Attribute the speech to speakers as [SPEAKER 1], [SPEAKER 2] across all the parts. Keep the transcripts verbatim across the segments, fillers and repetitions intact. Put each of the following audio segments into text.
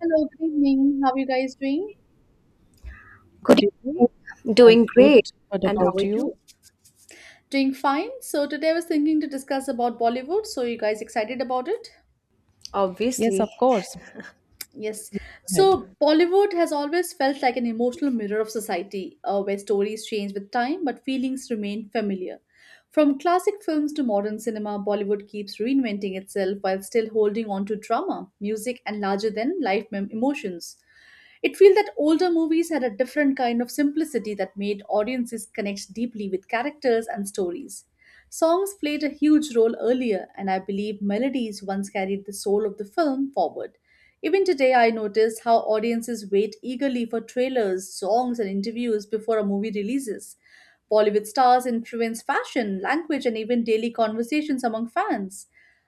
[SPEAKER 1] Hello, good evening. How are you guys doing?
[SPEAKER 2] Good
[SPEAKER 3] Good evening.
[SPEAKER 2] evening.
[SPEAKER 3] I'm
[SPEAKER 2] Doing
[SPEAKER 3] good.
[SPEAKER 2] great.
[SPEAKER 3] What
[SPEAKER 2] And how
[SPEAKER 3] about
[SPEAKER 2] are you?
[SPEAKER 3] you?
[SPEAKER 1] Doing fine. So today I was thinking to discuss about Bollywood. So you guys excited about it?
[SPEAKER 3] Yes, of
[SPEAKER 2] Obviously.
[SPEAKER 3] course. Go
[SPEAKER 1] Yes. So
[SPEAKER 3] ahead.
[SPEAKER 1] Bollywood has always felt like an emotional mirror of society, uh, where stories change with time but feelings remain familiar. From classic films to modern cinema, Bollywood keeps reinventing itself while still holding on to drama, music, and larger than life mem- emotions. It feels that older movies had a different kind of simplicity that made audiences connect deeply with characters and stories. Songs played a huge role earlier, and I believe melodies once carried the soul of the film forward. Even today, I notice how audiences wait eagerly for trailers, songs, and interviews before a movie releases. Bollywood stars influence fashion, language, and even daily conversations among fans.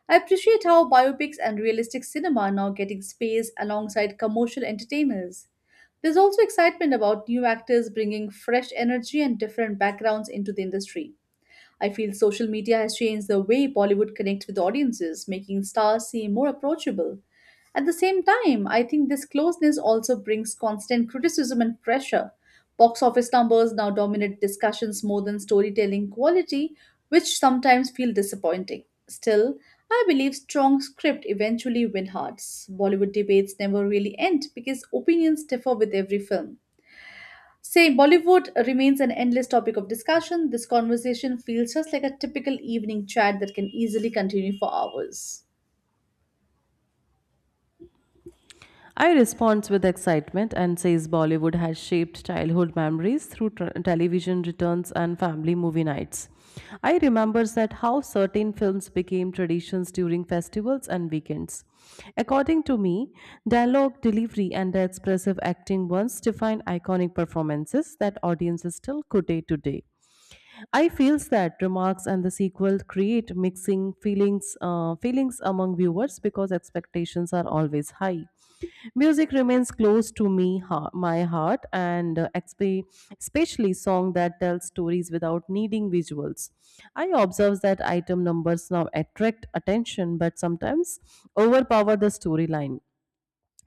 [SPEAKER 1] I appreciate how biopics and realistic cinema are now getting space alongside commercial entertainers. There's also excitement about new actors bringing fresh energy and different backgrounds into the industry. I feel social media has changed the way Bollywood connects with audiences, making stars seem more approachable. At the same time, I think this closeness also brings constant criticism and pressure. Box office numbers now dominate discussions more than storytelling quality, which sometimes feel disappointing. Still, I believe strong script eventually win hearts. Bollywood debates never really end because opinions differ with every film. Say, Bollywood remains an endless topic of discussion. This conversation feels just like a typical evening chat that can easily continue for hours.
[SPEAKER 3] I responds with excitement and says Bollywood has shaped childhood memories through tr television returns and family movie nights. I remembers that how certain films became traditions during festivals and weekends. According to me, dialogue delivery and the expressive acting once defined iconic performances that audiences still quote day to day. I feels that remarks and the sequel create mixing feelings uh, feelings among viewers because expectations are always high. Music remains close to me ha- my heart and uh, expe- especially song that tell stories without needing visuals. I observe that item numbers now attract attention but sometimes overpower the storyline.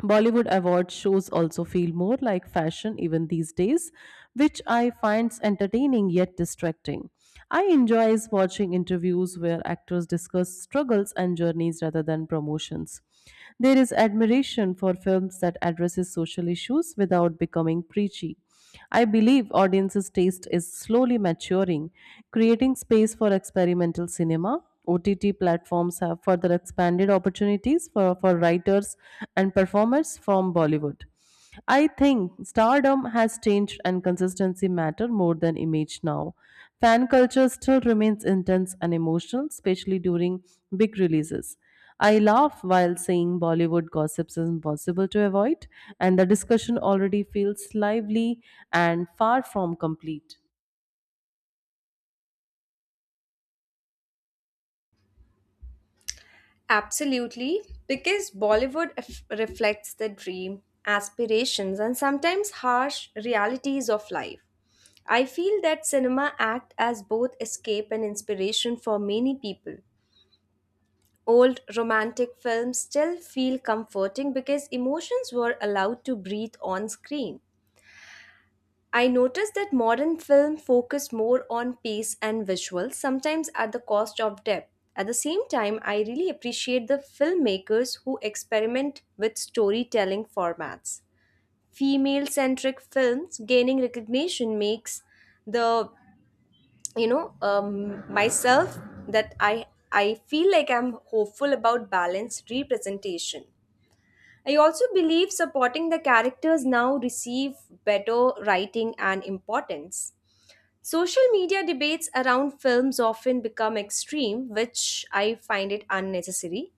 [SPEAKER 3] Bollywood award shows also feel more like fashion even these days, which I finds entertaining yet distracting. I enjoys watching interviews where actors discuss struggles and journeys rather than promotions. There is admiration for films that addresses social issues without becoming preachy. I believe audiences' taste is slowly maturing, creating space for experimental cinema. O T T platforms have further expanded opportunities for, for writers and performers from Bollywood. I think stardom has changed and consistency matter more than image now. Fan culture still remains intense and emotional, especially during big releases. I laugh while saying Bollywood gossips is impossible to avoid, and the discussion already feels lively and far from complete.
[SPEAKER 2] Absolutely. Because Bollywood f- reflects the dream, aspirations, and sometimes harsh realities of life. I feel that cinema act as both escape and inspiration for many people. Old romantic films still feel comforting because emotions were allowed to breathe on screen. I noticed that modern film focus more on pace and visuals, sometimes at the cost of depth. At the same time, I really appreciate the filmmakers who experiment with storytelling formats. Female-centric films gaining recognition makes the you know um, myself that I I feel like I'm hopeful about balanced representation. I also believe supporting the characters now receive better writing and importance. Social media debates around films often become extreme, which I find it unnecessary.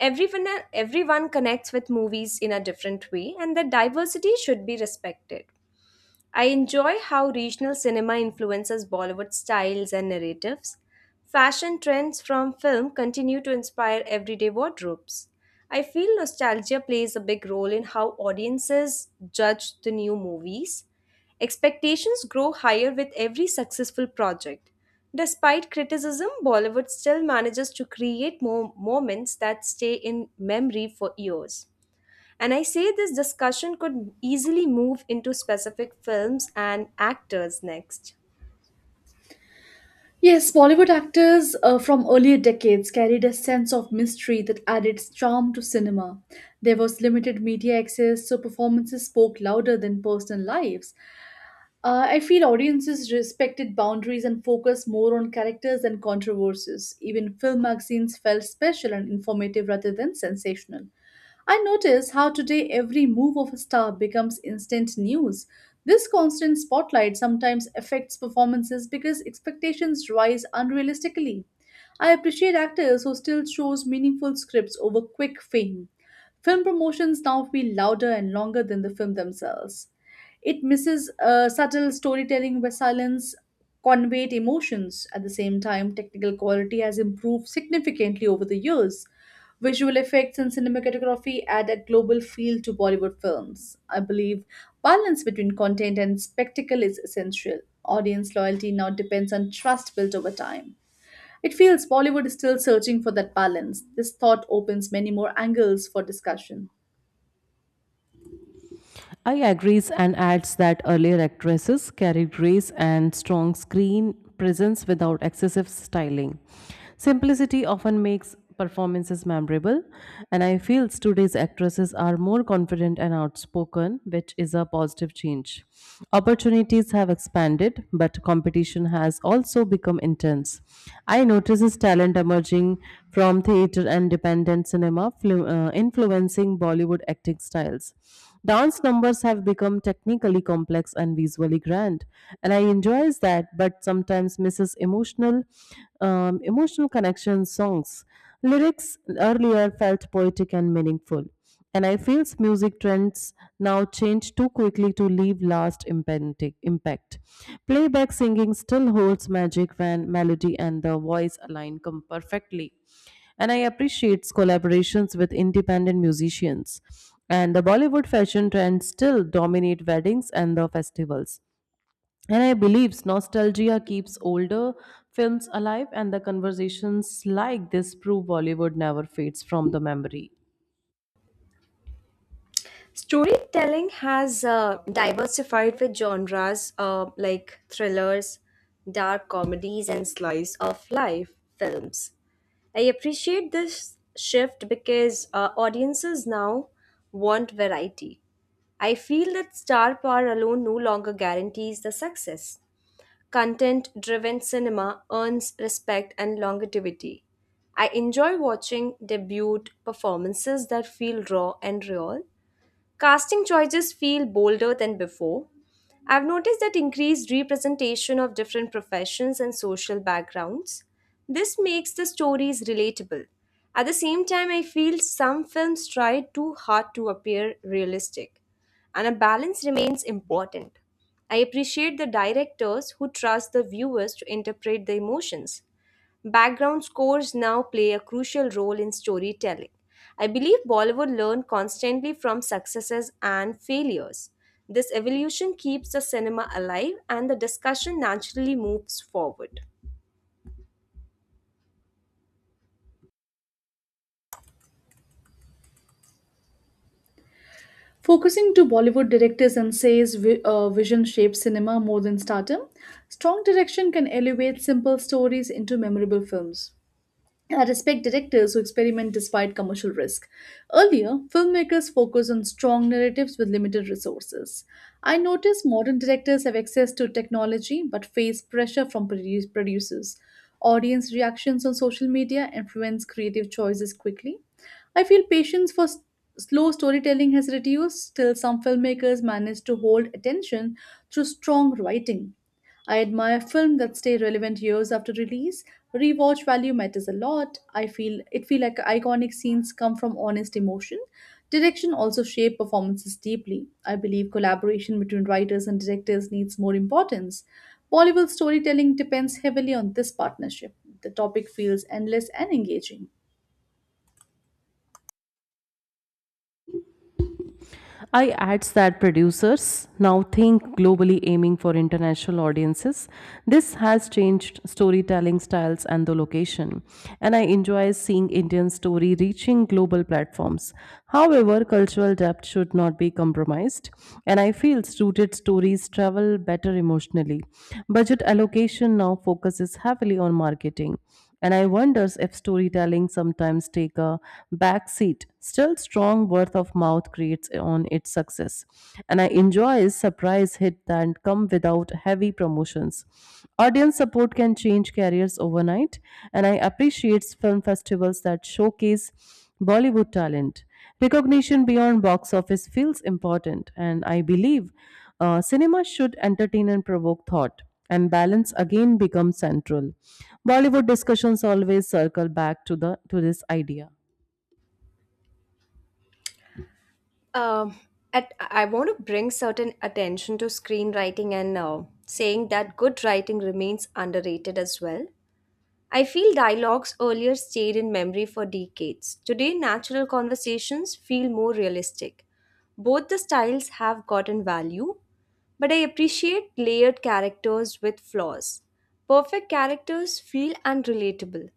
[SPEAKER 2] Everyone, everyone connects with movies in a different way, and that diversity should be respected. I enjoy how regional cinema influences Bollywood styles and narratives. Fashion trends from film continue to inspire everyday wardrobes. I feel nostalgia plays a big role in how audiences judge the new movies. Expectations grow higher with every successful project. Despite criticism, Bollywood still manages to create more moments that stay in memory for years. And I say this discussion could easily move into specific films and actors next.
[SPEAKER 1] Yes, Bollywood actors uh, from earlier decades carried a sense of mystery that added charm to cinema. There was limited media access, so performances spoke louder than personal lives. Uh, I feel audiences respected boundaries and focused more on characters than controversies. Even film magazines felt special and informative rather than sensational. I notice how today every move of a star becomes instant news. This constant spotlight sometimes affects performances because expectations rise unrealistically. I appreciate actors who still chose meaningful scripts over quick fame. Film promotions now feel louder and longer than the film themselves. It misses uh, subtle storytelling where silence conveyed emotions. At the same time, technical quality has improved significantly over the years. Visual effects and cinematography add a global feel to Bollywood films. I believe balance between content and spectacle is essential. Audience loyalty now depends on trust built over time. It feels Bollywood is still searching for that balance. This thought opens many more angles for discussion.
[SPEAKER 3] I agrees and adds that earlier actresses carried grace and strong screen presence without excessive styling. Simplicity often makes performances memorable, and I feel today's actresses are more confident and outspoken, which is a positive change. Opportunities have expanded, but competition has also become intense. I notices talent emerging from theater and dependent cinema, flu- uh, influencing Bollywood acting styles. Dance numbers have become technically complex and visually grand, and I enjoys that, but sometimes misses emotional, um, emotional connection songs. Lyrics earlier felt poetic and meaningful, and I feel music trends now change too quickly to leave last impenti- impact. Playback singing still holds magic when melody and the voice align com- perfectly and I appreciate collaborations with independent musicians. And the Bollywood fashion trends still dominate weddings and the festivals. And I believe nostalgia keeps older films alive, and the conversations like this prove Bollywood never fades from the memory.
[SPEAKER 2] Storytelling has uh, diversified with genres uh, like thrillers, dark comedies, and slice of life films. I appreciate this shift because uh, audiences now want variety. I feel that star power alone no longer guarantees the success. Content driven cinema earns respect and longevity. I enjoy watching debut performances that feel raw and real. Casting choices feel bolder than before. I've noticed that increased representation of different professions and social backgrounds. This makes the stories relatable. At the same time, I feel some films try too hard to appear realistic, and a balance remains important. I appreciate the directors who trust the viewers to interpret the emotions. Background scores now play a crucial role in storytelling. I believe Bollywood learned constantly from successes and failures. This evolution keeps the cinema alive and the discussion naturally moves forward.
[SPEAKER 1] Focusing to Bollywood directors and says vi- uh, vision shapes cinema more than stardom, strong direction can elevate simple stories into memorable films. I respect directors who experiment despite commercial risk. Earlier, filmmakers focused on strong narratives with limited resources. I notice modern directors have access to technology but face pressure from produ- producers. Audience reactions on social media influence creative choices quickly. I feel patience for s- slow storytelling has reduced, still, some filmmakers manage to hold attention through strong writing. I admire films that stay relevant years after release. Rewatch value matters a lot. I feel it feel like iconic scenes come from honest emotion. Direction also shape performances deeply. I believe collaboration between writers and directors needs more importance. Bollywood storytelling depends heavily on this partnership. The topic feels endless and engaging.
[SPEAKER 3] I adds that producers now think globally aiming for international audiences. This has changed storytelling styles and the location. And I enjoy seeing Indian story reaching global platforms. However, cultural depth should not be compromised. And I feel rooted stories travel better emotionally. Budget allocation now focuses heavily on marketing. And I wonders if storytelling sometimes take a back seat. Still strong word of mouth creates on its success. And I enjoy surprise hit that come without heavy promotions. Audience support can change careers overnight, and I appreciate film festivals that showcase Bollywood talent. Recognition beyond box office feels important, and I believe uh, cinema should entertain and provoke thought and balance again becomes central. Bollywood discussions always circle back to the to this idea.
[SPEAKER 2] Um, at, I want to bring certain attention to screenwriting and uh, saying that good writing remains underrated as well. I feel dialogues earlier stayed in memory for decades. Today, natural conversations feel more realistic. Both the styles have gotten value, but I appreciate layered characters with flaws. Perfect characters feel unrelatable.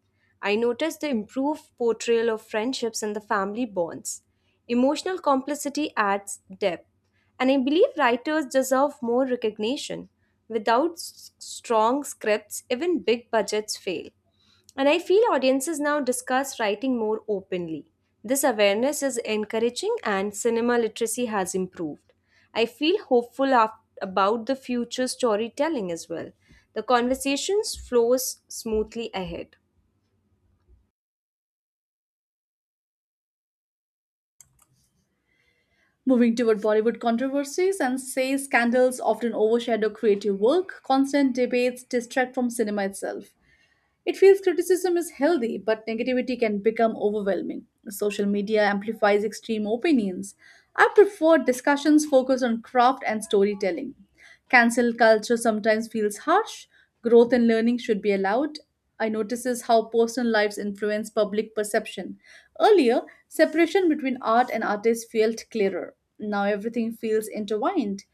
[SPEAKER 2] I notice the improved portrayal of friendships and the family bonds. Emotional complicity adds depth, and I believe writers deserve more recognition. Without s- strong scripts, even big budgets fail. And I feel audiences now discuss writing more openly. This awareness is encouraging and cinema literacy has improved. I feel hopeful af- about the future storytelling as well. The conversations flows smoothly ahead.
[SPEAKER 1] Moving toward Bollywood controversies and say scandals often overshadow creative work, constant debates distract from cinema itself. It feels criticism is healthy, but negativity can become overwhelming. Social media amplifies extreme opinions. I prefer discussions focused on craft and storytelling. Cancel culture sometimes feels harsh. Growth and learning should be allowed. I notices how personal lives influence public perception. Earlier, separation between art and artists felt clearer. Now everything feels intertwined.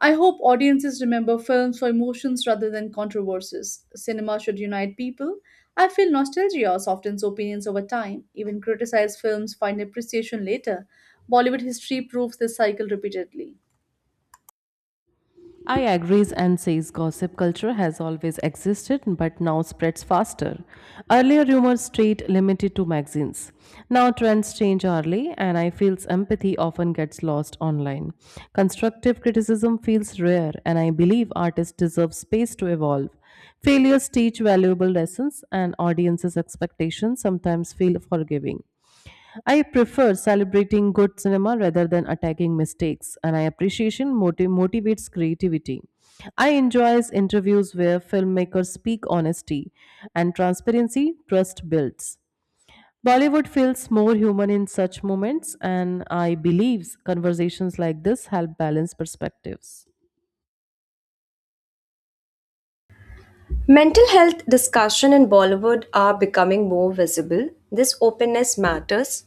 [SPEAKER 1] I hope audiences remember films for emotions rather than controversies. Cinema should unite people. I feel nostalgia softens opinions over time. Even criticized films find appreciation later. Bollywood history proves this cycle repeatedly.
[SPEAKER 3] I agrees and says gossip culture has always existed but now spreads faster. Earlier rumors stayed limited to magazines. Now trends change hourly and I feels empathy often gets lost online. Constructive criticism feels rare and I believe artists deserve space to evolve. Failures teach valuable lessons and audiences expectations sometimes feel forgiving. I prefer celebrating good cinema rather than attacking mistakes, and I appreciation motiv- motivates creativity. I enjoys interviews where filmmakers speak honesty and transparency, trust builds. Bollywood feels more human in such moments, and I believes conversations like this help balance perspectives.
[SPEAKER 2] Mental health discussion in Bollywood are becoming more visible. This openness matters.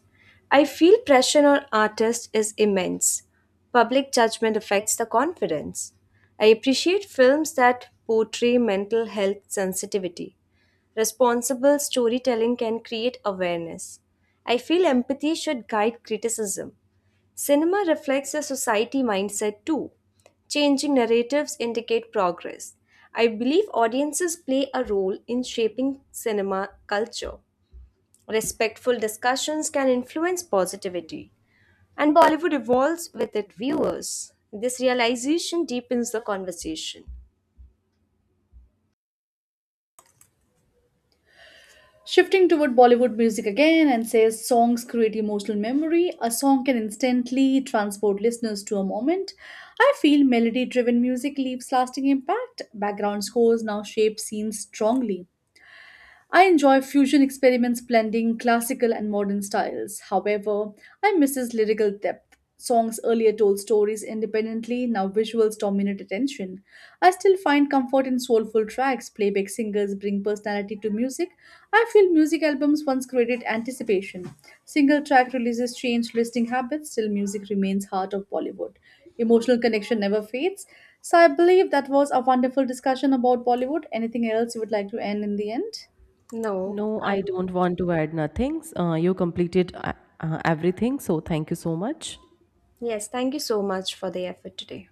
[SPEAKER 2] I feel pressure on artists is immense. Public judgment affects the confidence. I appreciate films that portray mental health sensitivity. Responsible storytelling can create awareness. I feel empathy should guide criticism. Cinema reflects a society mindset too. Changing narratives indicate progress. I believe audiences play a role in shaping cinema culture. Respectful discussions can influence positivity, and Bollywood evolves with its viewers. This realization deepens the conversation.
[SPEAKER 1] Shifting toward Bollywood music again and says songs create emotional memory. A song can instantly transport listeners to a moment. I feel melody driven music leaves lasting impact. Background scores now shape scenes strongly. I enjoy fusion experiments blending classical and modern styles. However, I miss his lyrical depth. Songs earlier told stories independently, now visuals dominate attention. I still find comfort in soulful tracks. Playback singers bring personality to music. I feel music albums once created anticipation. Single track releases change listening habits, still, music remains heart of Bollywood. Emotional connection never fades. So, I believe that was a wonderful discussion about Bollywood. Anything else you would like to end in the end?
[SPEAKER 2] No,
[SPEAKER 3] No, I
[SPEAKER 2] I
[SPEAKER 3] don't want to add nothing. Uh, you completed uh, uh, everything, so thank you so much.
[SPEAKER 2] Yes, thank you so much for the effort today.